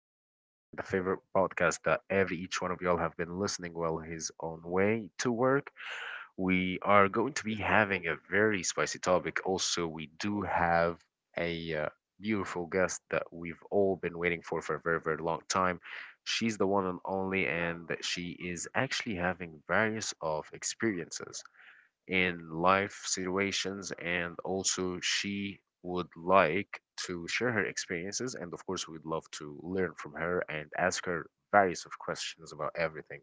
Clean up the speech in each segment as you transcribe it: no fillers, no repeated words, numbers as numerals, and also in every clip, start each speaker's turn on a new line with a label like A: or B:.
A: actually, and the favorite podcast that every each one of y'all have been listening well his own way to work. We are going to be having a very spicy topic. Also, we do have a beautiful guest that we've all been waiting for a very long time. She's the one and only, and she is actually having various of experiences in life situations, and also she would like to share her experiences, and of course we'd love to learn from her and ask her various of questions about everything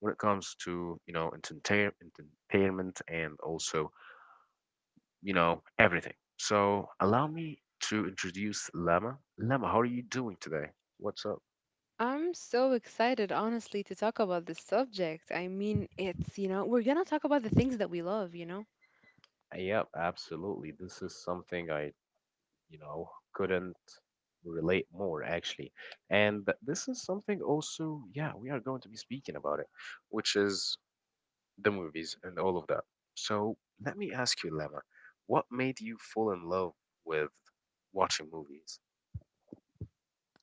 A: when it comes to, you know, entertainment and also, you know, everything. So allow me to introduce Lama. How are you doing today? What's up?
B: I'm so excited, honestly, to talk about this subject. I mean, we're gonna talk about the things that we love,
A: Yep, absolutely. This is something I, you know, couldn't relate more, actually. And this is something also, yeah, we are going to be speaking about, it which is the movies and all of that. So let me ask you, Lemma, what made you fall in love with watching movies?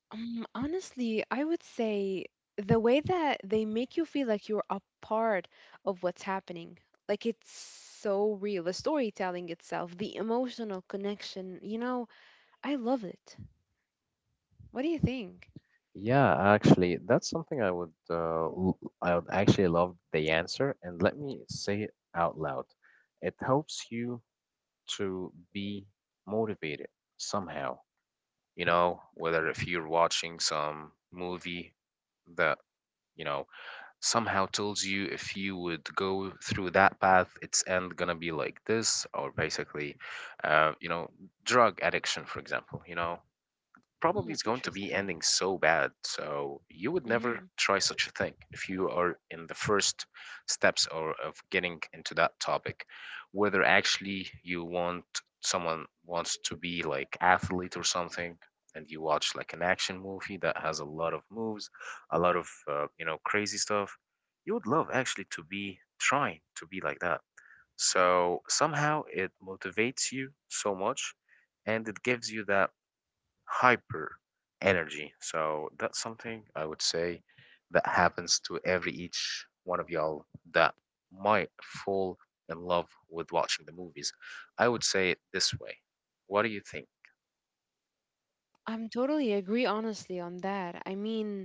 B: Honestly, I would say the way that they make you feel like you're a part of what's happening. Like it's so real. The storytelling itself, the emotional connection, I love it. What do you think?
A: Yeah, actually, that's something I would I would actually love the answer, and let me say it out loud. It helps you to be motivated somehow. You know, whether if you're watching some movie that, you know, somehow tells you if you would go through that path, its end gonna be like this, or basically, you know, drug addiction, for example. You know,
B: Hmm,
A: probably is going to be
B: interesting.
A: ending so bad. So you would never
B: hmm
A: try such a thing if you are in the first steps or of getting into that topic, whether actually you want someone wants to be like athlete or something, and you watch like an action movie that has a lot of moves, a lot of you know, crazy stuff. You would love, actually, to be trying to be like that. So somehow it motivates you so much, and it gives you that hyper energy. So that's something I would say that happens to every each one of y'all that might fall in love with watching the movies. I would say it this way. What do you think?
B: I'm totally agree, honestly, on that. I mean,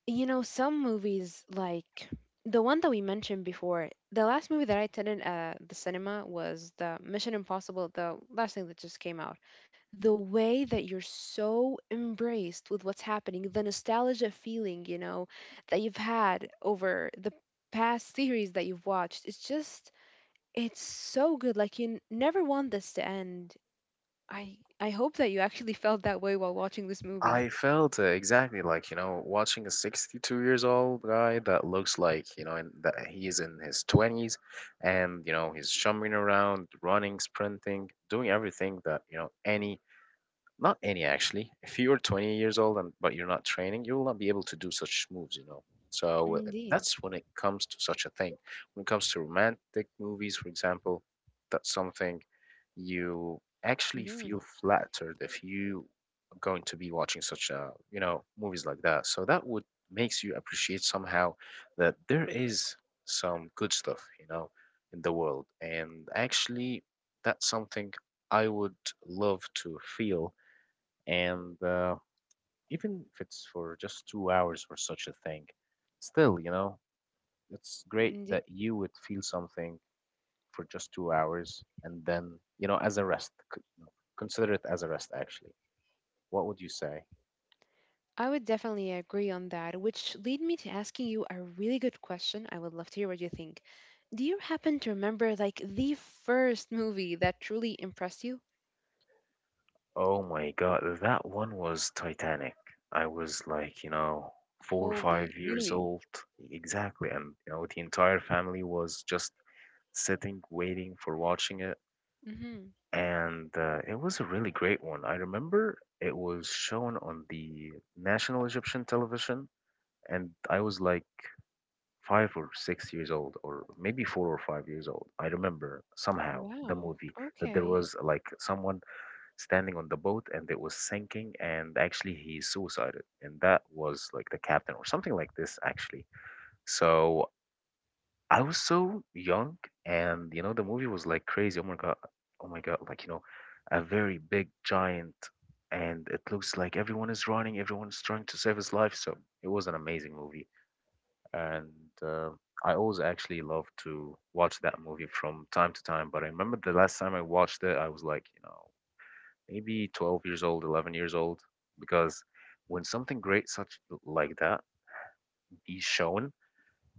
B: you know, some movies, like the one that we mentioned before, the last movie that I attended at the cinema was the Mission Impossible, the last thing that just came out. The way that you're so embraced with what's happening, the nostalgia feeling, that you've had over the past series that you've watched, it's so good. Like, never want this to end. I hope that you actually felt that way while watching this movie.
A: I felt exactly like, you know, watching a 62 years old guy that looks like, you know, and that he is in his 20s, and, you know, he's jumping around, running, sprinting, doing everything that, you know, any. Not any, actually. If you're 20 years old and but you're not training, you will not be able to do such moves, you know. So
B: Indeed.
A: that's when it comes to such a thing. When it comes to romantic movies, for example, that's something you actually feel
B: hmm
A: flattered if you are going to be watching such a, you know, movies like that. So that would makes you appreciate somehow that there is some good stuff, you know, in the world. And actually that's something I would love to feel. And even if it's for just 2 hours or such a thing, still, you know, it's great that
B: Indeed.
A: you would feel something for just 2 hours, and then, you know, as a rest, you know, consider it as a rest. Actually, what would you say?
B: I would definitely agree on that, which lead me to asking you a really good question. I would love to hear what you think. Do you happen to remember like the first movie that truly impressed you?
A: Oh my God, that one was Titanic. I was like, you know, four or
B: Holy,
A: five years
B: really?
A: old. Exactly. And, you know, the entire family was just sitting, waiting for watching it.
B: Mhm.
A: And it was a really great one. I remember it was shown on the national Egyptian television, and I was like 5 or 6 years old, or maybe 4 or 5 years old. I remember somehow the
B: Wow.
A: movie that there
B: Okay.
A: was like someone standing on the boat and it was sinking, and actually he suicided, and that was like the captain or something like this, actually. So I was so young, and you know, the movie was like crazy. Oh my God. Oh my God. Like, you know, a very big giant, and it looks like everyone is running, everyone's trying to save his life. So it was an amazing movie. And uh, I always actually love to watch that movie from time to time. But I remember the last time I watched it, I was like, you know, maybe 12 years old, 11 years old, because when something great such like that be shown,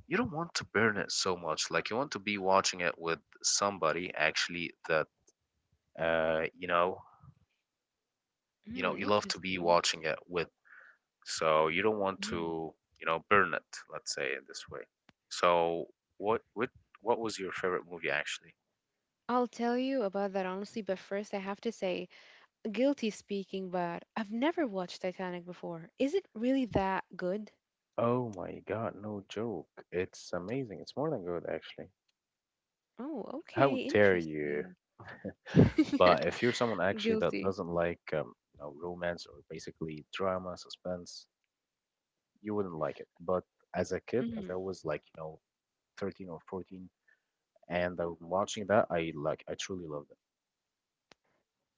A: you don't want to burn it so much. Like you want to be watching it with somebody actually that, you know,
B: Hmm,
A: you love to be
B: interesting.
A: watching it with. So you don't want
B: Mhm.
A: to, you know, burn it. Let's say it this way. So what what was your favorite movie, actually?
B: I'll tell you about that honestly, but first I have to say, guilty speaking, but I've never watched Titanic before. Is it really that good?
A: Oh my God, no joke. It's amazing. It's more than good, actually.
B: Oh, okay.
A: How dare you?
B: Interesting.
A: But if you're someone actually that
B: Guilty.
A: doesn't like you know, romance, or basically drama, suspense, you wouldn't like it. But as a kid, as I was like, you know, 13 or 14, and I'm watching that, I like, I truly loved it.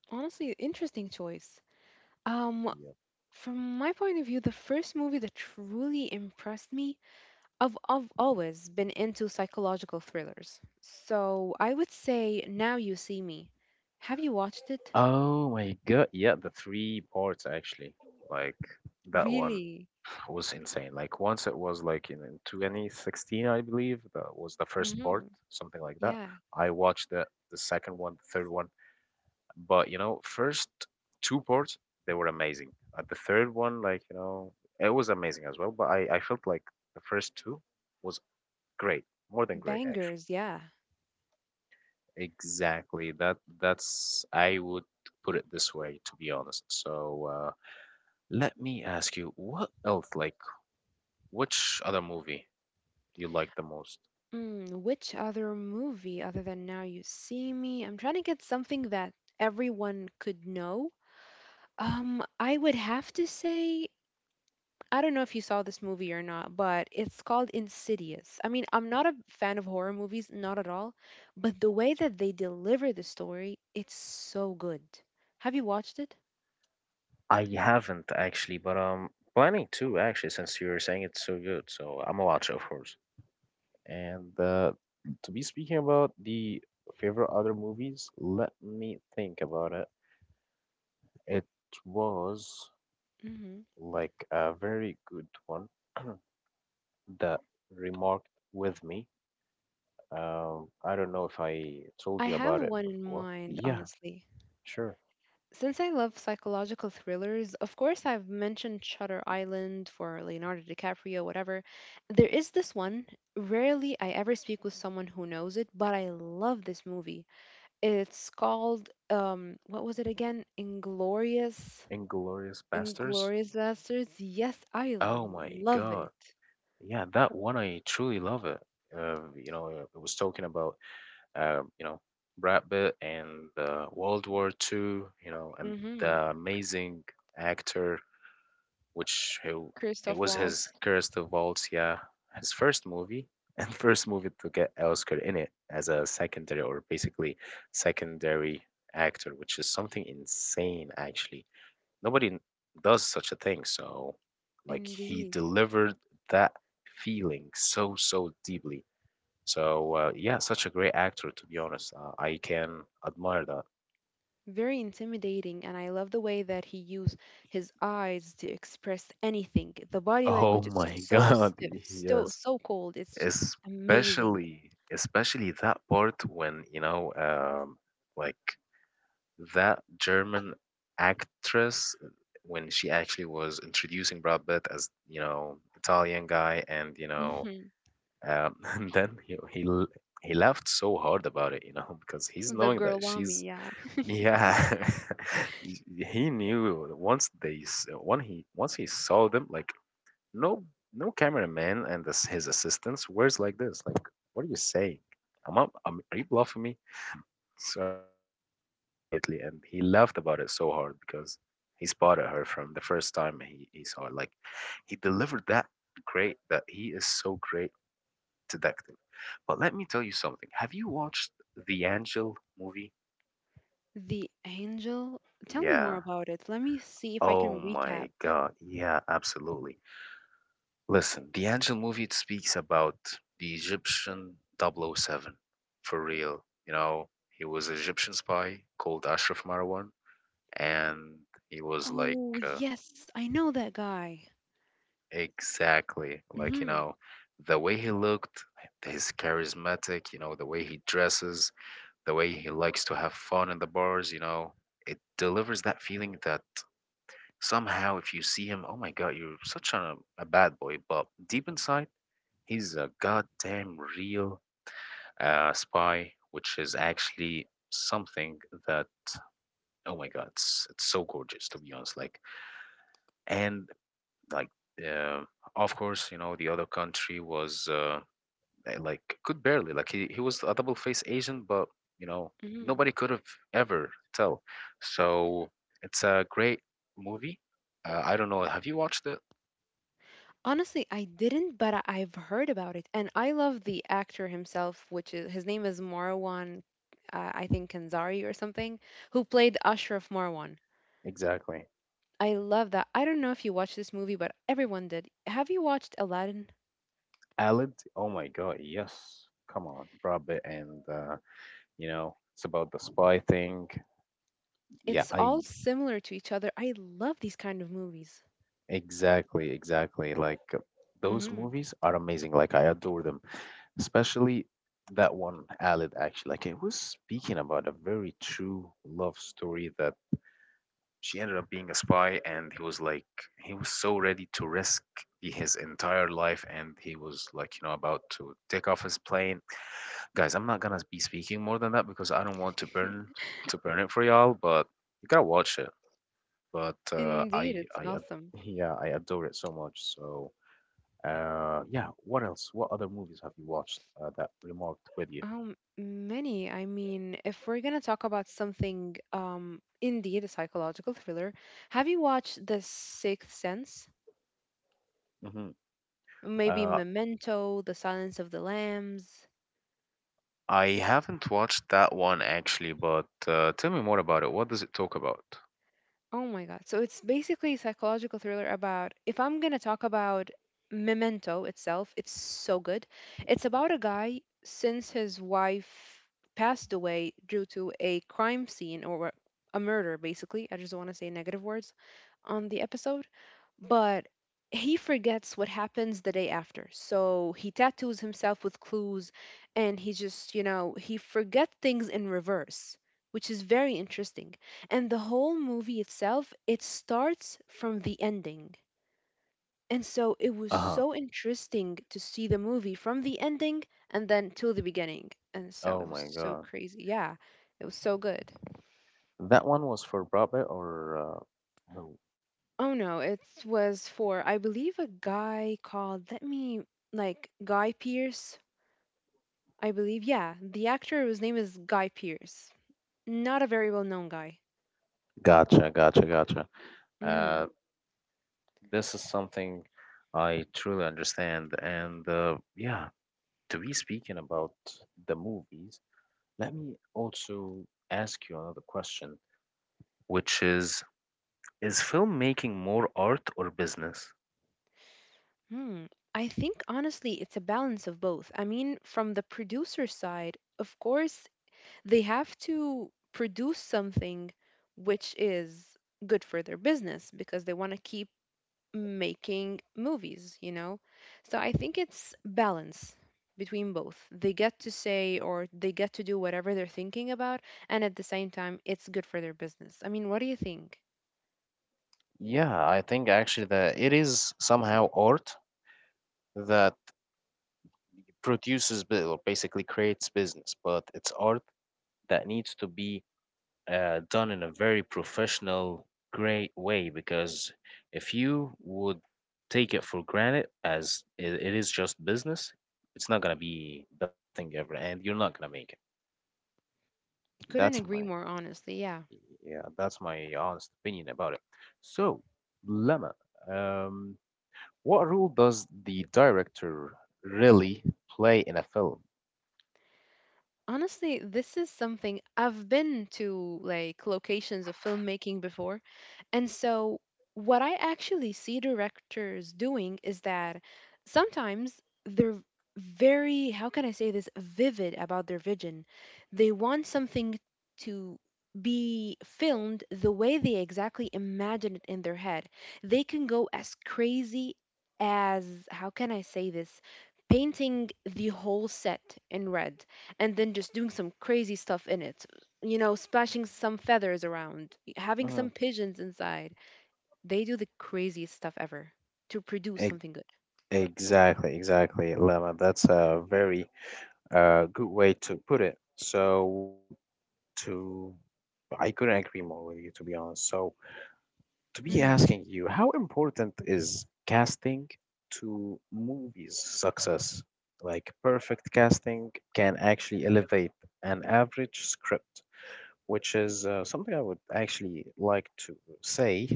B: Honestly, interesting choice. Um,
A: Yeah.
B: from my point of view, the first movie that truly impressed me, I've always been into psychological thrillers. So I would say Now You See Me. Have you watched it?
A: Oh my God. Yeah, the three parts actually, like that one
B: Really?
A: was insane. Like once it was like in 2016, I believe that was the first part,
B: hmm
A: something like that.
B: Yeah.
A: I watched the second one, the third one, but you know, first two parts, they were amazing. At the third one, like, you know, it was amazing as well. But I felt like the first two was great, more than great, actually.
B: Bangers, yeah.
A: Exactly. That's I would put it this way, to be honest. So let me ask you, what else? Like, which other movie you like the most?
B: Mm, which other movie other than Now You See Me? I'm trying to get something that everyone could know. I would have to say I don't know if you saw this movie or not, but it's called Insidious. I mean, I'm not a fan of horror movies, not at all, but the way that they deliver the story, it's so good. Have you watched it?
A: I haven't, actually, but I'm planning to, actually, since you're saying it's so good. So I'm gonna watch it, of course. And to be speaking about the favorite other movies, let me think about it. It was
B: hmm
A: like a very good one that remarked with me. I don't know if I told
B: I
A: you
B: have
A: about it
B: one in
A: before.
B: mind,
A: Yeah,
B: honestly.
A: sure.
B: Since I love psychological thrillers, of course I've mentioned Shutter Island for Leonardo DiCaprio, whatever. There is this one. Rarely I ever speak with someone who knows it, but I love this movie. It's called what was it again? Inglorious.
A: Inglorious Bastards.
B: Inglorious Bastards. Yes, I
A: Oh my
B: love
A: God.
B: it.
A: Yeah, that one I truly love it. You know, it was talking about you know, Brad Pitt and World War Two, you know. And
B: Mhm.
A: the amazing actor, which he, it
B: Christoph
A: was his
B: Waltz.
A: Curse to Vault, yeah, his first movie and first movie to get Oscar in it as a secondary, or basically secondary actor, which is something insane actually. Nobody does such a thing. So like he
B: Indeed.
A: delivered that feeling so deeply. So yeah, such a great actor, to be honest. I can admire that.
B: Very intimidating and I love the way that he used his eyes to express anything. The body
A: Oh
B: language is
A: my
B: so
A: God,
B: stiff,
A: yes.
B: so cold. It's just amazing.
A: Especially that part when, you know, like, that German actress, when she actually was introducing Brad Pitt as, you know, Italian guy, and you know,
B: Mhm.
A: and then he laughed so hard about it, you know, because he's
B: The
A: knowing that
B: girl
A: she's.
B: army, yeah.
A: Yeah, he knew once when he once he saw them like no no cameraman and this, his assistants wears like this like, what are you saying? Are you bluffing me? So he knew immediately and he laughed about it so hard because he spotted her from the first time he saw it. Like he delivered that great that he is so great detective. But let me tell you something. Have you watched the Angel movie?
B: The angel. Tell me
A: Yeah.
B: more about it. Let me see if I
A: Oh
B: can
A: my
B: recap.
A: God. Yeah, absolutely. Listen, the Angel movie, it speaks about the Egyptian Double O Seven, for real. You know, he was an Egyptian spy called Ashraf Marwan, and he was like
B: Oh,
A: uh,
B: yes, I know that guy.
A: exactly like, you
B: hmm
A: know, the way he looked, his charismatic, you know, the way he dresses, the way he likes to have fun in the bars, you know, it delivers that feeling that. Somehow, if you see him, oh my God, you're such a bad boy. But deep inside, he's a goddamn real spy, which is actually something that, oh my God, it's so gorgeous, to be honest. And like, uh, of course, you know, the other country was like, could barely, like, he was a double faced agent, but, you know, nobody
B: hmm
A: could have ever tell. So it's a great movie. I don't know. Have you watched it?
B: Honestly, I didn't, but I've heard about it, and I love the actor himself, which is his name is Marwan, I think Kanzari or something, who played Ashraf Marwan.
A: Exactly.
B: I love that. I don't know if you watched this movie, but everyone did. Have you watched Aladdin?
A: Alid? Oh my God, yes. Come on, Rabbit, and you know, it's about the spy thing. Yeah,
B: It's all
A: I
B: similar to each other. I love these kind of movies.
A: exactly. Like those
B: hmm
A: movies are amazing. Like I adore them. Especially that one, Alid, actually. Like it was speaking about a very true love story that she ended up being a spy, and he was like he was so ready to risk his entire life, and he was like, you know, about to take off his plane. Guys, I'm not gonna be speaking more than that because I don't want to burn it for y'all, but you gotta watch it. But
B: Indeed, it's awesome.
A: yeah, I adore it so much. So yeah, what else, what other movies have you watched that remarked with you?
B: Many. I mean, if we're gonna talk about something, indeed, a psychological thriller, have you watched The Sixth Sense?
A: Hmm.
B: Maybe
A: Uh,
B: Memento, The Silence of the Lambs.
A: I haven't watched that one actually, but tell me more about it. What does it talk about?
B: Oh my God. So it's basically a psychological thriller about, if I'm going to talk about Memento itself, it's so good. It's about a guy since his wife passed away due to a crime scene or a murder, basically. I just don't want to say negative words on the episode, but he forgets what happens the day after. So he tattoos himself with clues and he just, he forget things in reverse, which is very interesting, and the whole movie itself, it starts from the ending, and so it was
A: Uh-huh.
B: so interesting to see the movie from the ending and then till the beginning. And so
A: Oh
B: it was
A: my
B: so
A: God.
B: crazy, yeah, it was so good.
A: That one was for Broadway or oh,
B: Oh no, it was for I believe a guy called, let me like Guy Pierce, I believe. Yeah, the actor whose name is Guy Pierce, not a very well known guy.
A: gotcha, gotcha, gotcha. Uh,
B: hmm
A: this is something I truly understand. And yeah, to be speaking about the movies, let me also ask you another question, which is filmmaking more art or business?
B: Hmm. I think honestly, it's a balance of both. I mean, from the producer side, of course, they have to produce something which is good for their business because they want to keep making movies, you know? So I think it's balance between both. They get to say or they get to do whatever they're thinking about, and at the same time, it's good for their business. I mean, what do you think?
A: Yeah, I think actually that it is somehow art that produces or basically creates business, but it's art that needs to be done in a very professional, great way, because if you would take it for granted as it is just business, it's not gonna be the best thing ever, and you're not gonna make it.
B: Couldn't
A: That's
B: agree
A: my
B: more, honestly. Yeah.
A: Yeah, that's my honest opinion about it. So, Lemma, um, what role does the director really play in a film?
B: Honestly, this is something I've been to like locations of filmmaking before. And so what I actually see directors doing is that sometimes they're very, how can I say this, vivid about their vision. They want something to be filmed the way they exactly imagine it in their head. They can go as crazy as, how can I say this, painting the whole set in red and then just doing some crazy stuff in it. You know, splashing some feathers around, having some
A: Hmm.
B: pigeons inside. They do the craziest stuff ever to produce
A: Ex-
B: something good.
A: exactly, exactly, Lemma. That's a very good way to put it. So, to I couldn't agree more with you, to be honest. So, to be
B: Mm,
A: asking you, how important is casting to movies' success? Like, perfect casting can actually elevate an average script, which is something I would actually like to say.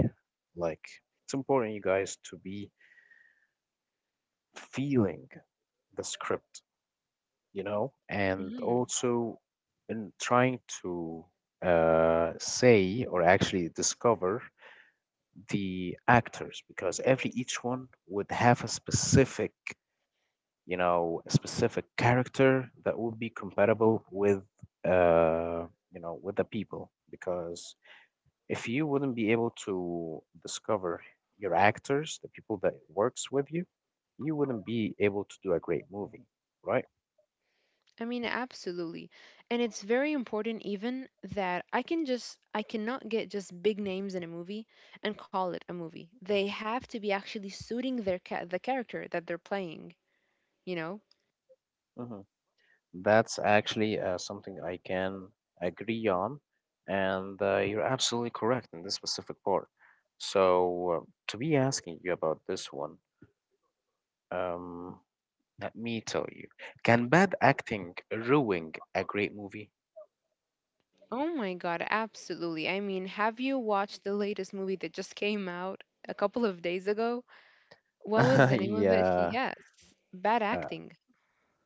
A: Like, it's important you guys to be feeling the script, you know, and
B: mhm.
A: also in trying to say or actually discover the actors, because every each one would have a specific, you know, a specific character that would be compatible with, uh, you know, with the people. Because if you wouldn't be able to discover your actors, the people that works with you, you wouldn't be able to do a great movie, right?
B: I mean, absolutely. And it's very important even that I can just I cannot get just big names in a movie and call it a movie. They have to be actually suiting their the character that they're playing, you know?
A: Hmm. That's actually something I can agree on, and you're absolutely correct in this specific part. So, to be asking you about this one, um, let me tell you, can bad acting ruin a great movie?
B: Oh my God, absolutely. I mean, have you watched the latest movie that just came out a couple of days ago? What was the name of it? He
A: Yeah,
B: Yes. Bad
A: uh,
B: acting.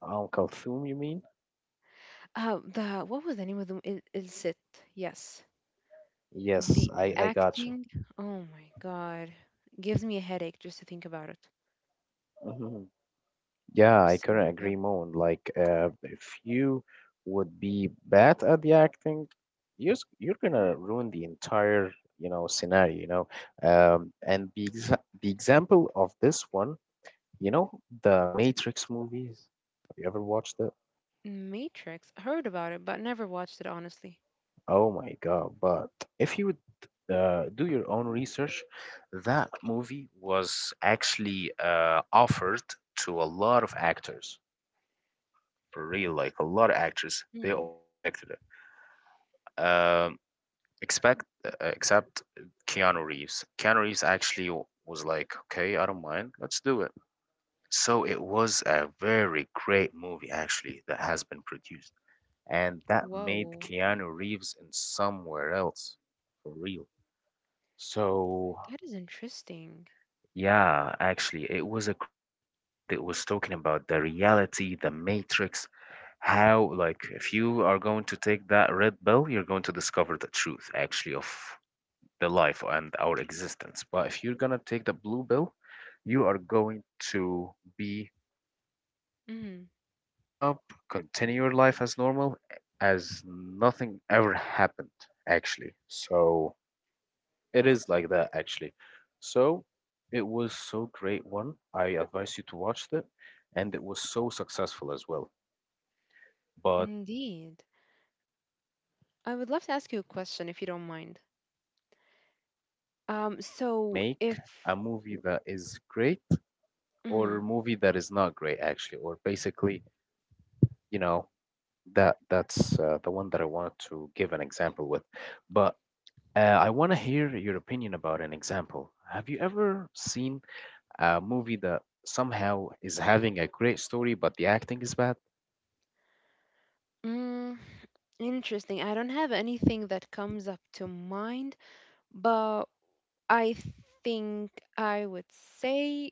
A: Uncle Thum, you mean?
B: The what was the name of the it? Yes.
A: Yes,
B: The
A: I got you.
B: acting. Oh my God. Gives me a headache just to think about it.
A: Mhm. Yeah, I
B: So,
A: couldn't
B: yeah.
A: agree more. Like, if you would be bad at the acting, you're gonna ruin the entire, you know, scenario, you know. And the example of this one, you know, the Matrix movies? Have you ever watched it?
B: Matrix. Heard about it, but never watched it, honestly.
A: Oh my God. But if you would do your own research, that movie was actually offered to a lot of actors. For real, like a lot of actors. They
B: Hmm.
A: all rejected it. Um, except Keanu Reeves. Keanu Reeves actually was like, okay, I don't mind. Let's do it. So it was a very great movie, actually, that has been produced. And that made
B: Whoa.
A: Keanu Reeves in somewhere else for real. So,
B: That is interesting.
A: yeah, actually, it was a great one, and it was talking about the reality, the matrix, how, like, if you are going to take that red pill, you're going to discover the truth, actually, of the life and our existence. But if you're gonna take the blue pill, you are going to be
B: Mm,
A: waking up, continue your life as normal, as nothing ever happened, actually. So it is like that, actually. So it was so great one. I advise you to watch it, and it was so successful as well. But
B: indeed.
A: yeah, like that
B: I
A: was
B: would
A: a
B: love to ask you a
A: perfect
B: question if
A: example
B: you don't mind.
A: on how the acting can
B: So
A: make
B: if
A: a movie that is great or
B: Mhm.
A: a movie that is not great, actually, or basically, you know, that's the one that I wanted to give an example with. But I want to hear your opinion about an example. Have you ever seen a movie that somehow is having a great story but the acting is bad?
B: Mm, interesting, I don't have anything that comes up to mind, but I think I would say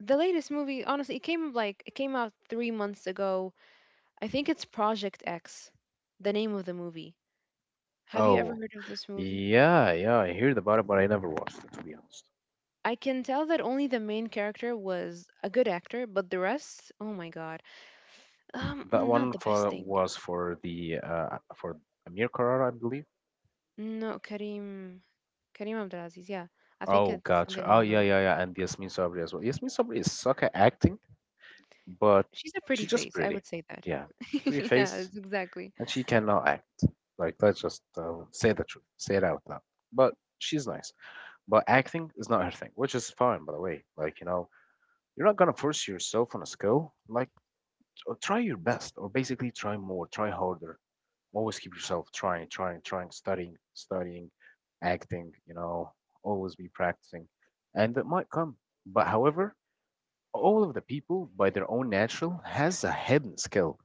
B: the latest movie, honestly, it came out 3 months ago. I think it's Project X, the name of the movie. Have you ever
A: Oh,
B: heard of this movie?
A: yeah, yeah, I heard about it, but I never watched it, to be honest.
B: I can tell that only the main character was a good actor, but the rest, oh my God,
A: That
B: not
A: one
B: the best
A: for
B: thing.
A: was for the for Amir Carrara, I believe.
B: No, Karim. Kareem Abdulaziz, yeah. I think
A: Oh,
B: it's
A: gotcha.
B: something
A: Oh,
B: along the
A: yeah,
B: line.
A: yeah, yeah, and Yasmin Sabri as well. Yasmin Sabri is suck at acting, but
B: She's a pretty
A: she's just
B: face, I
A: pretty.
B: would say that.
A: Yeah, pretty
B: Yeah,
A: face
B: it's exactly.
A: and she cannot act. Like, let's just say the truth, say it out loud. But she's nice. But acting is not her thing, which is fine, by the way. Like, you know, you're not gonna force yourself on a skill. Like, try your best, or basically try more, try harder. Always keep yourself trying, trying, trying, studying, studying, acting. You know, always be practicing, and it might come. But however, all of the people by their own natural has a hidden skill,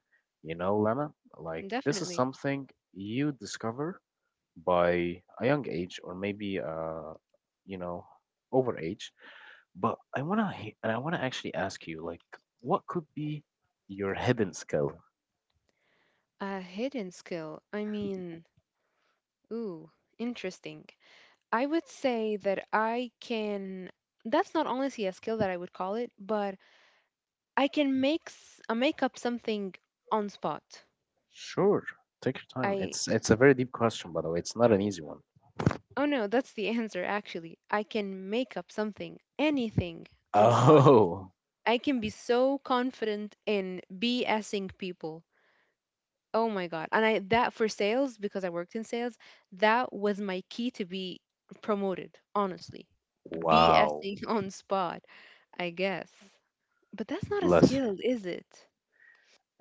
A: you know, Lana, like this is
B: Definitely.
A: something you discover by a young age or maybe you know, over age. But I wanna actually ask you, like, what could be your hidden skill?
B: A hidden skill. I mean, ooh, interesting. I would say that I can that's not honestly a skill that I would call it, but I can make make up something on spot.
A: Sure, take your time.
B: I
A: It's a very deep question, by the way. It's not an easy one.
B: oh no, that's the answer actually. I can make up something, anything on spot.
A: Oh.
B: I can be so confident in BSing people. Oh my God. And I that for sales, because I worked in sales, that was my key to be promoted, honestly.
A: Wow.
B: BSing on spot, I guess. But that's not a
A: Bless you.
B: skill, is it?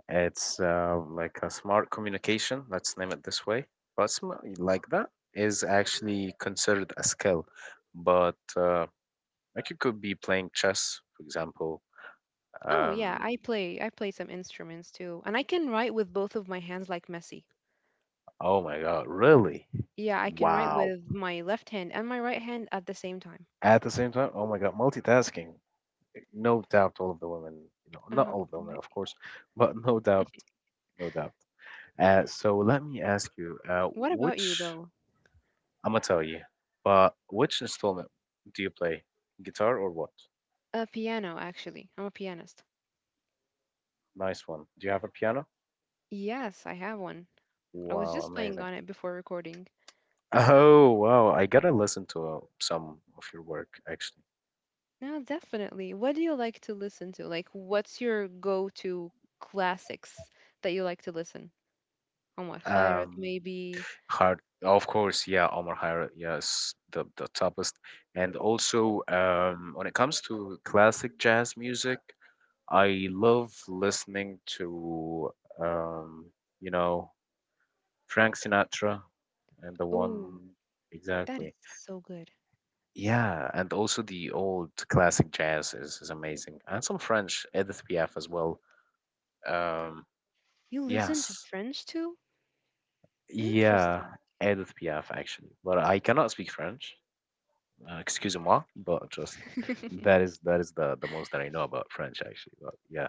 A: It's like a smart communication, let's name it this way. But sm like that is actually considered a skill. But like you could be playing chess, for example.
B: Oh yeah,
A: Um,
B: I play some instruments too. And I can write with both of my hands like Messi.
A: oh my God, really?
B: Yeah, I can write
A: Wow.
B: with my left hand and my right hand at the same time.
A: At the same time, oh my god, multitasking. No doubt, all of the women, you know,
B: Um,
A: not all of the women, of course, but no doubt, no doubt. So let me ask you,
B: what about you
A: which
B: though?
A: I'm gonna tell you, but which installment do you play? Guitar or what?
B: A piano, actually. I'm a pianist.
A: Nice one. Do you have a piano?
B: Yes, I have one. I was
A: Wow,
B: just playing
A: amazing.
B: on it before recording.
A: Oh wow, I gotta listen to some of your work, actually.
B: No, definitely. What do you like to listen to? Like, what's your go-to classics that you like to listen? Omar Khayrat,
A: Um,
B: maybe.
A: Hard, of course, yeah, Omar Khayyam, yes, the toughest. And also, when it comes to classic jazz music, I love listening to, um, you know, Frank Sinatra and the
B: Oh,
A: one,
B: that is
A: exactly.
B: so good.
A: Yeah, and also the old classic jazz is amazing, and some French Edith Piaf as well. Um,
B: You listen to
A: yes,
B: French too?
A: yeah,
B: Interesting.
A: Edith Piaf actually, but I cannot speak French. Excuse moi, but just that is the most that I know about French, actually. But yeah,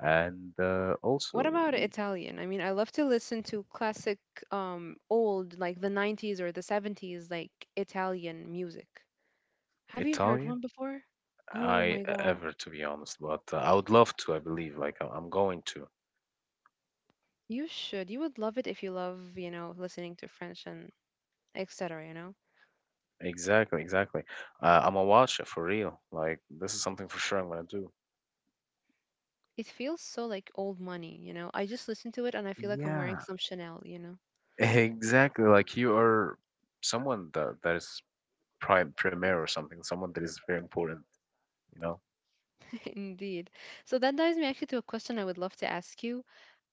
A: and
B: What
A: also
B: about
A: yeah,
B: Italian? I mean, I love to listen to classic, old, like the 90s or the 70s, like Italian music. Have you heard one
A: Italian.
B: before? Oh my
A: I
B: God.
A: ever, to be honest, but I would love to. I believe like I'm going to.
B: You should. You would love it if you love, you know, listening to French and etc., you know?
A: Exactly, exactly. I'm a watcher for real. Like this is something for sure I'm gonna do.
B: It feels so like old money, you know. I just listen to it and I feel like I'm wearing
A: Yeah,
B: some Chanel, you know.
A: exactly. Like you are someone that is prime premier or something. Someone that is very important, you know?
B: Indeed. So that dives me actually to a question I would love to ask you.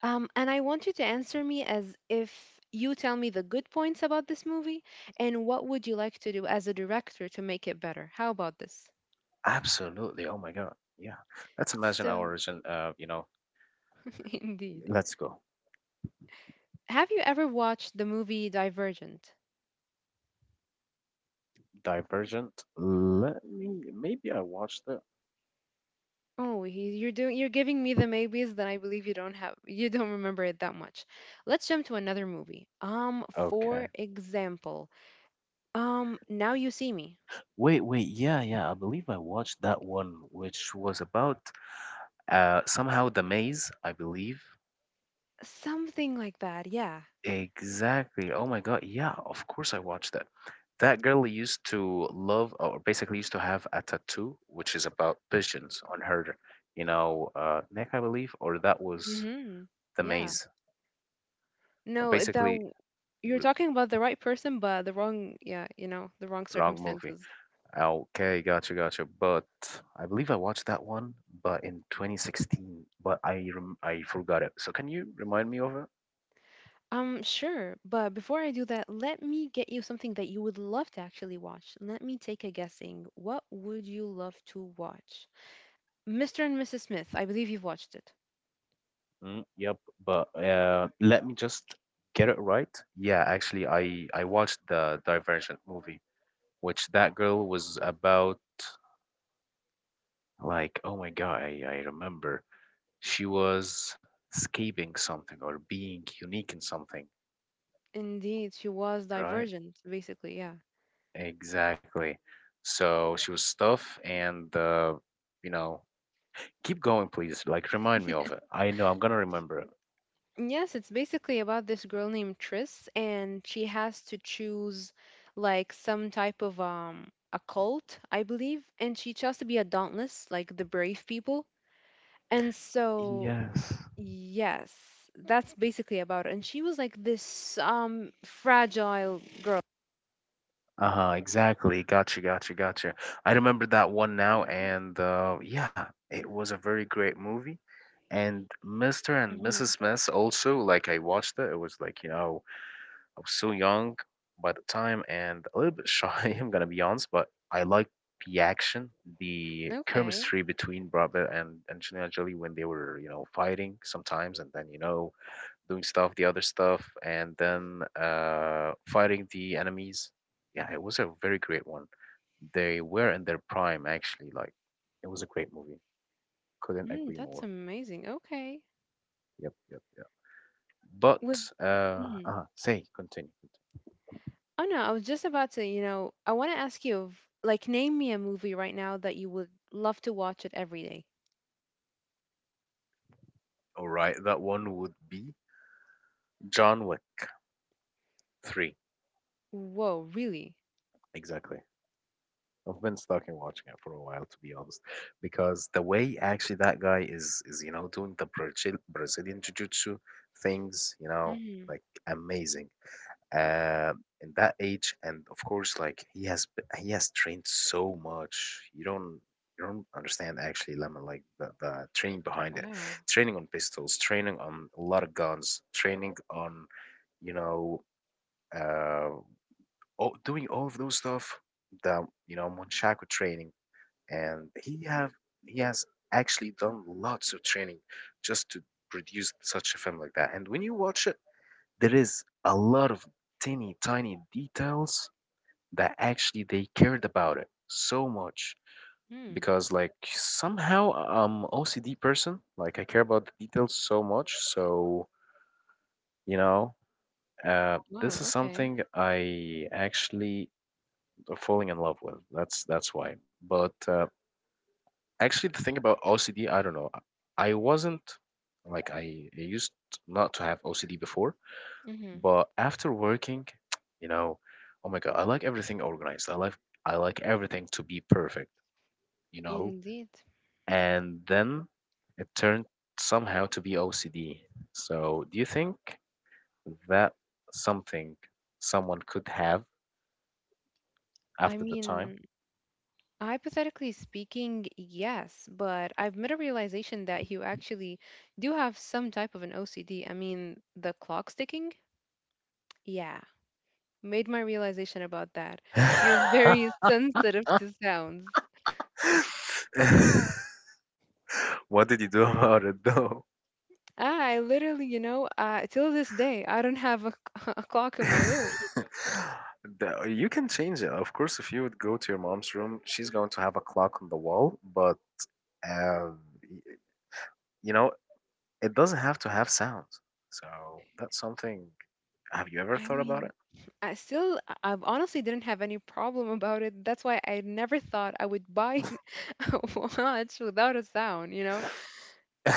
B: And I want you to answer me as if you tell me the good points about this movie and what would you like to do as a director to make it better. How about this?
A: Absolutely. Oh my God. Yeah. Let's imagine our
B: So,
A: origin. You know,
B: indeed.
A: let's go.
B: Have you ever watched the movie Divergent?
A: Divergent. Let me. Maybe I watched it.
B: Oh, he, you're giving me the maybes that I believe you don't have. You don't remember it that much. Let's jump to another movie.
A: Okay.
B: For example, Now You See Me.
A: Wait, wait. Yeah, yeah. I believe I watched that one, which was about somehow the maze, I believe.
B: Something like that. Yeah.
A: Exactly. Oh my God. Yeah, of course I watched that. That girl used to love, or basically used to have a tattoo, which is about pigeons on her, you know, neck, I believe, or that was
B: Mhm.
A: The
B: Yeah.
A: Maze. Or
B: No, that
A: basically,
B: w- You're
A: r
B: talking about the right person, but the wrong, yeah, you know, the wrong
A: wrong movie.
B: circumstances.
A: Okay, gotcha, gotcha. But I believe I watched that one, but in 2016, but I forgot it. So can you remind me of it?
B: Sure, but before I do that, let me get you something that you would love to actually watch. Let me take a guessing. What would you love to watch? Mr. and Mrs. Smith, I believe you've watched it.
A: Mm, yep, but let me just get it right. Yeah, actually, I watched the Divergent movie, which that girl was about like, oh my God, I remember. She was escaping something or being unique in something,
B: Indeed, she was
A: right?
B: divergent, basically, yeah.
A: Exactly. So she was tough and you know, keep going, please. Like, remind me of it. I know I'm gonna remember it.
B: Yes, it's basically about this girl named Tris, and she has to choose like some type of a cult, I believe, and she chose to be a dauntless, like the brave people. And so,
A: Yes.
B: yes, that's basically about it. And she was like this fragile girl.
A: Uh-huh, exactly. Gotcha, gotcha, gotcha. I remember that one now, and yeah, it was a very great movie. And Mr. and
B: Hmm.
A: Mrs. Smith also, like I watched it, it was like, you know, I was so young by the time and a little bit shy, I'm gonna be honest, but I liked the action, the
B: Okay.
A: chemistry between Brad Pitt and Angelina Jolie when they were, you know, fighting sometimes, and then, you know, doing stuff, the other stuff, and then fighting the enemies. Yeah, it was a very great one. They were in their prime, actually. Like, it was a great movie. Couldn't
B: Mm,
A: agree
B: that's
A: more.
B: amazing. Okay.
A: Yep, yep, yep.
B: With
A: But,
B: mm-hmm.
A: say, continue.
B: Oh no, I was just about to, I want to ask you, like, name me a movie right now that you would love to watch it every day.
A: All right, that one would be John Wick 3.
B: Whoa, really?
A: Exactly. I've been stuck in watching it for a while, to be honest, because the way actually that guy is, you know, doing the Brazilian jiu-jitsu things, you know,
B: Mm,
A: like amazing. uh, in that age, and of course, like, he has he has trained so much. You don't understand, actually, lemon, like, the training behind it.
B: wow.
A: Training on pistols, training on a lot of guns, training on, you know uh all— doing all of those stuff. The, Monchaco training. And he has actually done lots of training just to produce such a film like that. And when you watch it, there is a lot of tiny tiny details that actually they cared about it so much.
B: Hmm.
A: Because, like, somehow I'm OCD person, like, I care about the details so much. So, you know this
B: Wow,
A: is
B: okay.
A: something I actually are falling in love with. That's why. But actually the thing about OCD, I don't know. I wasn't, like, I used not to have OCD before.
B: Mm-hmm.
A: But after working, you know, oh my God, I like everything organized. I like everything to be perfect, you know?
B: Indeed.
A: And then it turned somehow to be OCD. So do you think that something someone could have
B: I
A: after the time?
B: mean, hypothetically speaking, yes, but I've made a realization that you actually do have some type of an OCD. I mean, the clock sticking? Yeah, made my realization about that. You're very sensitive to sounds.
A: What did you do about it though?
B: Ah, I literally, till this day, I don't have a, a clock in my room.
A: You can change it. Of course, if you would go to your mom's room, she's going to have a clock on the wall. But Um, y- you know, it doesn't have to have sounds. So that's something. Have you ever
B: I
A: thought about
B: mean,
A: it?
B: I still, I I've honestly didn't have any problem about it. That's why I never thought I would buy a watch without a sound, you know?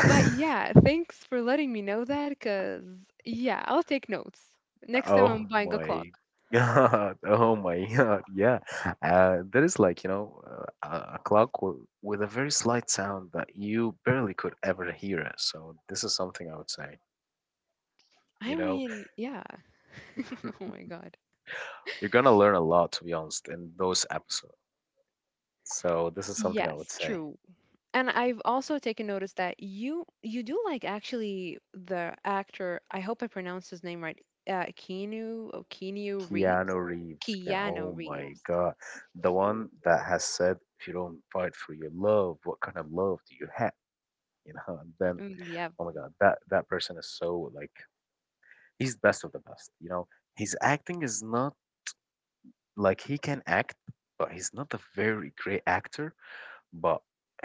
B: But yeah, thanks for letting me know that, because yeah, I'll take notes. Next time I'm
A: Oh
B: buying a clock.
A: my God. Oh my God. Yeah. There is, like, a clock w with a very slight sound that you barely could ever hear it. So this is something I would say, you
B: I
A: know,
B: mean, yeah. Oh my God.
A: you're gonna learn a lot, to be honest, in those episodes. So this is something I would
B: Yes,
A: say.
B: true. And I've also taken notice that you do like actually the actor. I hope I pronounced his name right. Keanu Reeves,
A: Keanu Reeves, Keanu,
B: Keanu
A: oh my
B: Reeves.
A: God, the one that has said, "If you don't fight for your love, what kind of love do you have?" You know, and then,
B: Mm,
A: oh my
B: yeah.
A: God, that that person is so, like, he's the best of the best. You know, his acting is not, like, he can act, but he's not a very great actor. But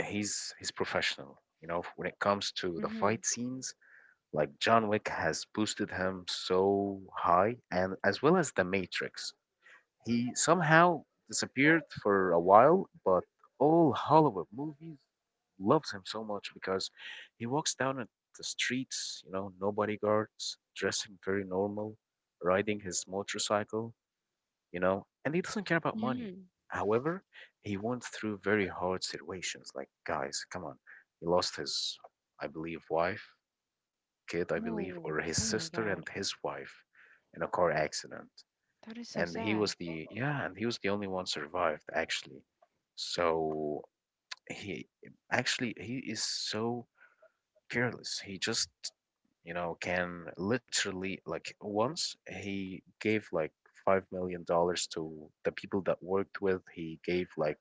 A: he's professional. You know, when it comes to the
B: Mm-hmm.
A: fight scenes, like, John Wick has boosted him so high, and as well as The Matrix. He somehow disappeared for a while, but all Hollywood movies loves him so much because he walks down at the streets, you know, no bodyguards, dressing very normal, riding his motorcycle, you know, and he doesn't care about money.
B: Mm-hmm.
A: However, he went through very hard situations. Like, guys, come on. He lost his, I believe, wife, kid, I believe,
B: Oh,
A: or his
B: oh my
A: sister
B: God,
A: and his wife in a car accident,
B: that is so
A: and he was
B: sad.
A: the yeah, and he was the only one survived, actually. So he he is so careless. He just, can literally, like, once he gave, like, $5 million to the people that worked with. He gave, like,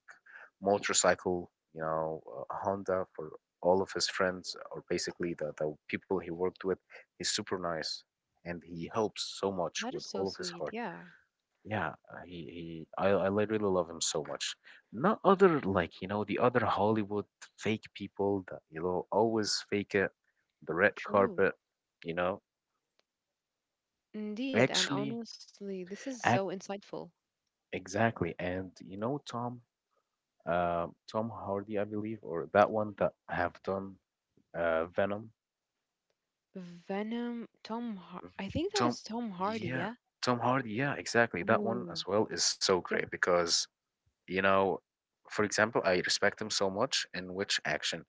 A: motorcycle, Honda, for all of his friends, or basically the people he worked with. He's super nice, and he helps so much
B: That
A: with
B: is
A: all
B: so
A: of his
B: sweet.
A: heart.
B: Yeah,
A: Yeah. He he. I literally love him so much. Not other, like, the other Hollywood fake people that always fake it, the red
B: true.
A: carpet. You know,
B: Indeed, and
A: actually,
B: honestly, this is so
A: act,
B: insightful.
A: exactly. And you know Tom, Tom Hardy, I believe, or that one that have done Venom.
B: Venom, Tom.
A: V-
B: I think that
A: Tom,
B: is Tom Hardy.
A: yeah,
B: Yeah.
A: Tom Hardy, yeah, exactly. That one
B: Oh,
A: as well is so great
B: yep.
A: because, you know, for example, I respect him so much, in which action,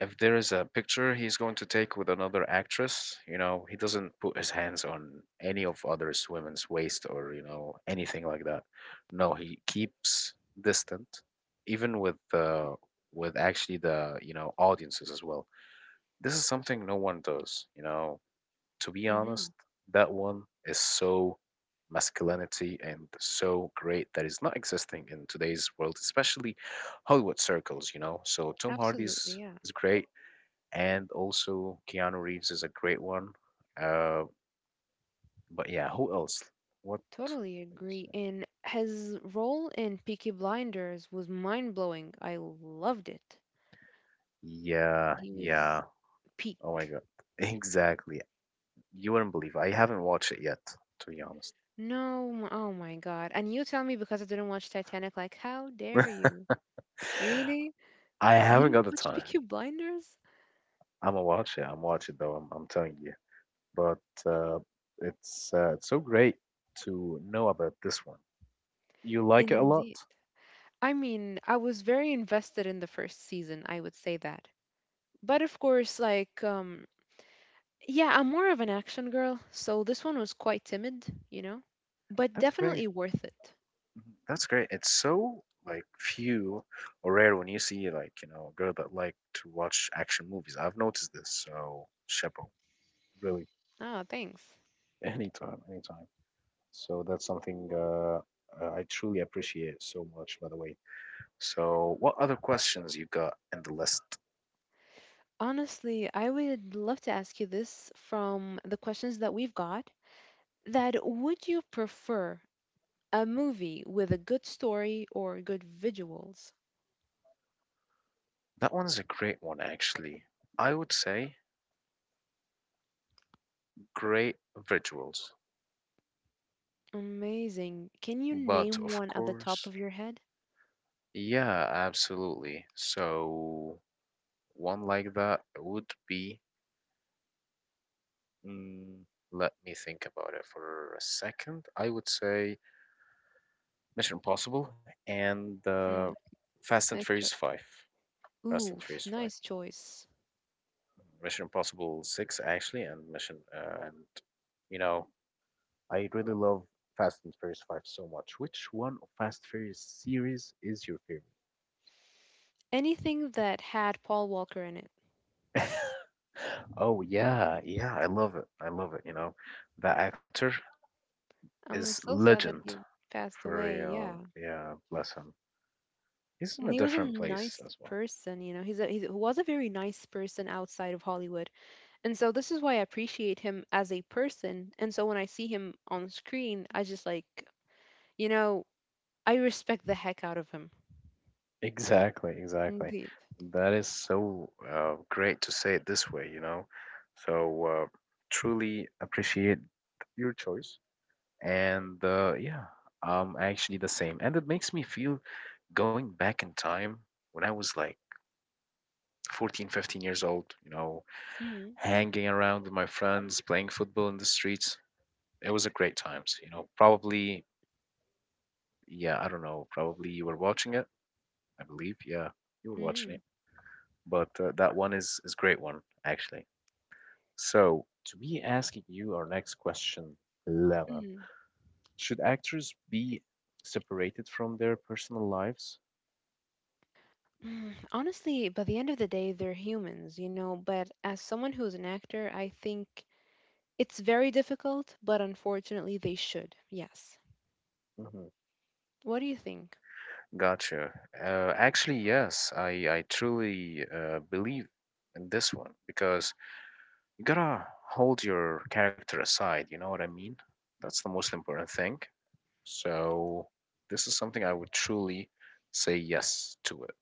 A: if there is a picture he's going to take with another actress, he doesn't put his hands on any of others women's waist or, anything like that. No, he keeps distant, even with, actually, the, audiences as well. This is something no one does. To be
B: Hmm.
A: honest, that one is so masculinity and so great that is not existing in today's world, especially Hollywood circles, you know. So Tom
B: Absolutely.
A: Hardy's
B: Yeah.
A: is great, and also Keanu Reeves is a great one. Uh, but yeah, who else? What?
B: Totally
A: What you
B: agree.
A: say?
B: And his role in Peaky Blinders was mind blowing. I loved it.
A: Yeah,
B: He was
A: yeah. Oh my
B: peak.
A: God, exactly. You wouldn't believe it. I haven't watched it yet, to be honest.
B: No, oh my God. And you tell me because I didn't watch Titanic, like, how dare you? Really?
A: I
B: You
A: haven't
B: didn't
A: got the
B: watch
A: time.
B: Peaky Blinders?
A: I'm gonna watch it. I'm watching though. I'm telling you. But uh, it's so great to know about this one. You like it a lot?
B: Indeed. I mean, I was very invested in the first season, I would say that. But of course, like, yeah, I'm more of an action girl, so this one was quite timid, you know? But
A: That's great.
B: definitely worth it.
A: Mhm. That's great. It's so, like, few or rare when you see, like, a girl that like to watch action movies. I've noticed this, so chapeau, really.
B: Oh, thanks.
A: Anytime, anytime. So that's something I truly appreciate so much, by the way. So what other questions you got in the list?
B: Honestly, I would love to ask you this from the questions that we've got. That would you prefer a movie with a good story or good visuals?
A: That one is a great one, actually. I would say great visuals.
B: Amazing. Can you
A: But
B: name
A: of
B: one at the top
A: course,
B: of your head?
A: yeah, absolutely. So, one like that would be, mm, let me think about it for a second. I would say Mission Impossible and
B: Hmm,
A: Fast and
B: nice choice.
A: Furious 5.
B: Ooh,
A: Fast and Furious 5.
B: nice choice.
A: Mission Impossible 6, actually, and, you know, I really love Fast and Furious 5 so much. Which one of Fast Furious series is your favorite?
B: Anything that had Paul Walker in it.
A: Oh yeah, yeah, I love it. I love it. That actor
B: I'm
A: is
B: so sad that
A: legend
B: he passed
A: for
B: away. Yeah.
A: real. Yeah, bless him. He's in
B: And
A: a
B: he was a
A: different place
B: nice
A: as well.
B: person, you know. He was a very nice person outside of Hollywood. And so this is why I appreciate him as a person. And so when I see him on screen, I just like, you know, I respect the heck out of him.
A: Exactly, exactly.
B: Indeed.
A: That is so great to say it this way, you know. So truly appreciate your choice. And yeah, actually the same. And it makes me feel going back in time when I was, like, 14, 15 years old, you know,
B: Mm,
A: hanging around with my friends, playing football in the streets. It was a great times, you know. Probably, yeah, I don't know, probably you were watching it, I believe. Yeah, you were watching it.
B: mm,
A: But that one is great one, actually. So, to be asking you our next question, Lama,
B: mm.
A: should actors be separated from their personal lives?
B: Mm, honestly, by the end of the day, they're humans, you know. But as someone who's an actor, I think it's very difficult, but unfortunately, they should. Yes.
A: Mm-hmm.
B: What do you think?
A: Gotcha. Actually, yes, I truly believe in this one, because you gotta hold your character aside. You know what I mean? That's the most important thing. So this is something I would truly say yes to it.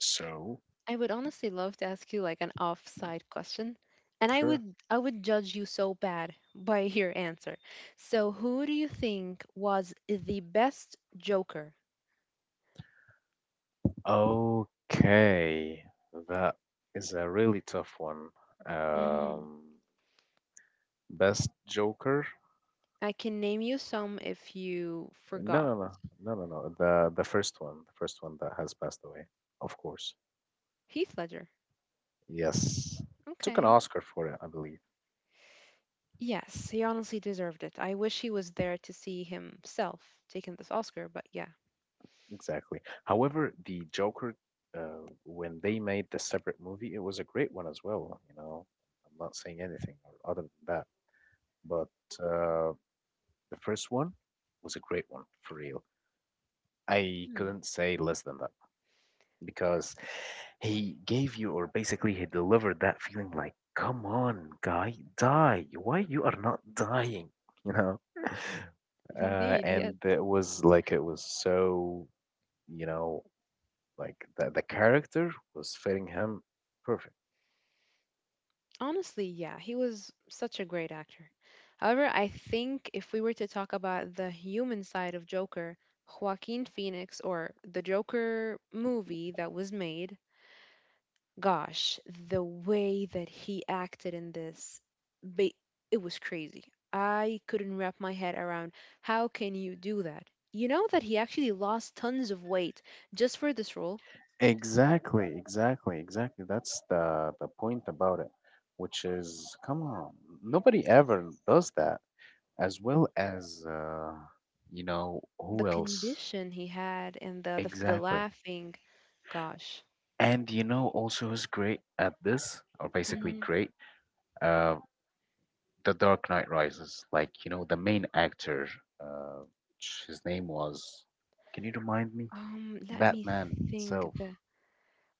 A: So
B: I would honestly love to ask you like an offside question, and I
A: sure.
B: would I would judge you so bad by your answer. So, who do you think was the best Joker?
A: Okay, that is a really tough one.
B: Mm.
A: Um, best Joker?
B: I can name you some if you
A: No,
B: forgot.
A: no, no, no, no, no. The first one that has passed away, of course.
B: Heath Ledger.
A: Yes, took an
B: Okay.
A: Oscar for it, I believe.
B: Yes, he honestly deserved it. I wish he was there to see himself taking this Oscar, but yeah.
A: Exactly. However, the Joker, when they made the separate movie, it was a great one as well. You know, I'm not saying anything or other than that, but the first one was a great one for real. I
B: Hmm.
A: couldn't say less than that. Because he gave you, or basically he delivered that feeling, like, come on, guy, die, why you are not dying, you know
B: Indeed, yes.
A: and it was so, you know like, the character was fitting him perfect.
B: Honestly, yeah, he was such a great actor. However, I think if we were to talk about the human side of Joker, Joaquin Phoenix or the Joker movie that was made, gosh, the way that he acted in this, ba- it was crazy. I couldn't wrap my head around how can you do that? You know that he actually lost tons of weight just for this role.
A: Exactly, exactly, exactly. That's the point about it, which is, come on, nobody ever does that. As well as,
B: The
A: who else?
B: condition he had and the
A: Exactly.
B: laughing, gosh.
A: And you know, also who's great at this, or basically great, uh, The Dark Knight Rises. Like, you know, the main actor, uh, his name was, can you remind me?
B: Let me
A: Batman
B: think.
A: itself.
B: The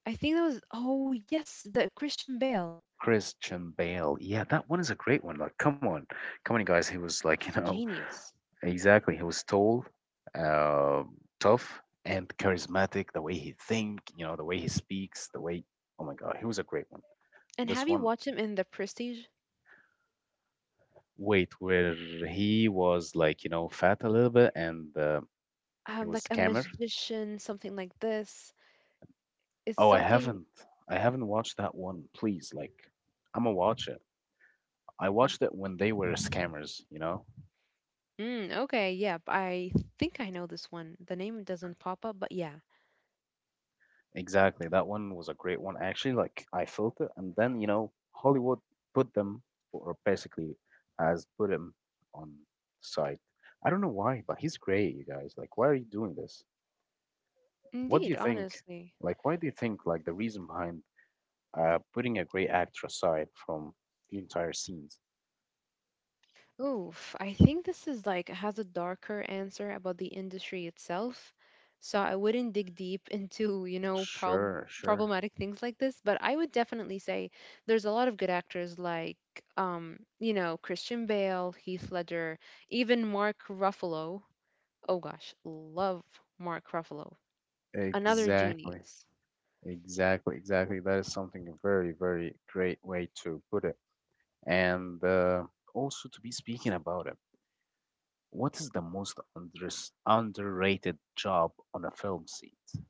B: I think that was oh yes, the Christian Bale.
A: Christian Bale. Yeah, that one is a great one. Like, come on, come on, you guys. He was like,
B: He's a genius.
A: exactly. He was tall, uh, tough, and charismatic. The way he think, the way he speaks, the way. Oh my God, he was a great one.
B: And have
A: This
B: you
A: one,
B: watched him in The Prestige?
A: wait, where he was, like, fat a little bit, and he was
B: Like a
A: scammer.
B: magician, something like this. It's
A: Oh,
B: something.
A: I haven't watched that one. Please, like, I'm gonna watch it. I watched it when they were
B: Mhm.
A: scammers.
B: Mm, okay, yeah, I think I know this one. The name doesn't pop up, but yeah,
A: Exactly. That one was a great one. Actually, like, I felt it, and then Hollywood put them, or basically has put him on side. I don't know why, but he's great, you guys. Like, why are you doing this? What do
B: indeed,
A: you think?
B: honestly.
A: Like, why do you think, like, the reason behind putting a great actor aside from the entire scenes?
B: Oof, I think this is like has a darker answer about the industry itself. So I wouldn't dig deep into, you know,
A: Sure, sure.
B: problematic things like this, but I would definitely say there's a lot of good actors like you know, Christian Bale, Heath Ledger, even Mark Ruffalo. Oh gosh, love Mark Ruffalo. Another
A: Exactly.
B: genius.
A: Exactly. Exactly. That is something a very, very great way to put it. And also to be speaking about it. What is the most underrated job on a film set?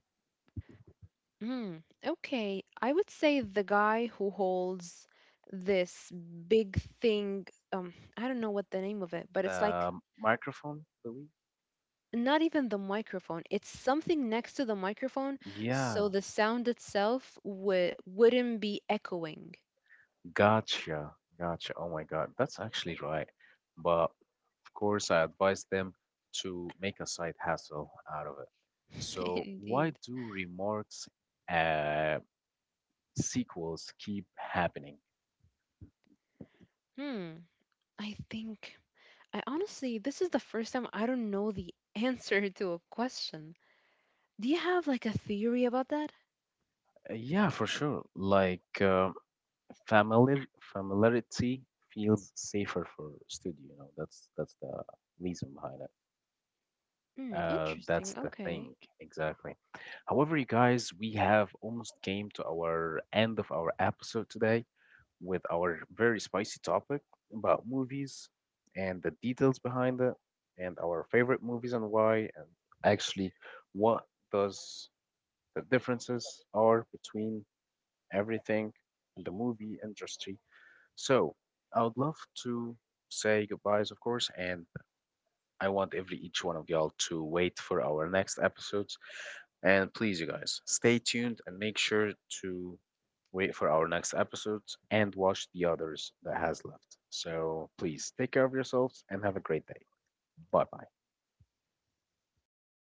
B: Mm, okay. I would say the guy who holds this big thing, I don't know what the name of it, but it's like
A: The microphone, believe?
B: not even the microphone. It's something next to the microphone,
A: Yeah,
B: so the sound itself w wouldn't be echoing.
A: gotcha, gotcha. Oh my God, that's actually right. But of course, I advise them to make a side hustle out of it. So why
B: Indeed.
A: do remote uh, sequels keep happening.
B: Hmm. I think I honestly, this is the first time I don't know the answer to a question. Do you have like a theory about that?
A: Yeah, for sure. Like, familiarity feels safer for studio. You know, that's the reason behind it.
B: Hmm,
A: That's
B: interesting.
A: the
B: Okay.
A: thing, exactly. However, you guys, we have almost came to our end of our episode today, with our very spicy topic about movies and the details behind it and our favorite movies and why and actually what does the differences are between everything in the movie industry. So I would love to say goodbyes, of course, and I want every each one of y'all to wait for our next episodes. And please, you guys, stay tuned and make sure to wait for our next episodes and watch the others that has left. So please take care of yourselves and have a great day. Bye bye.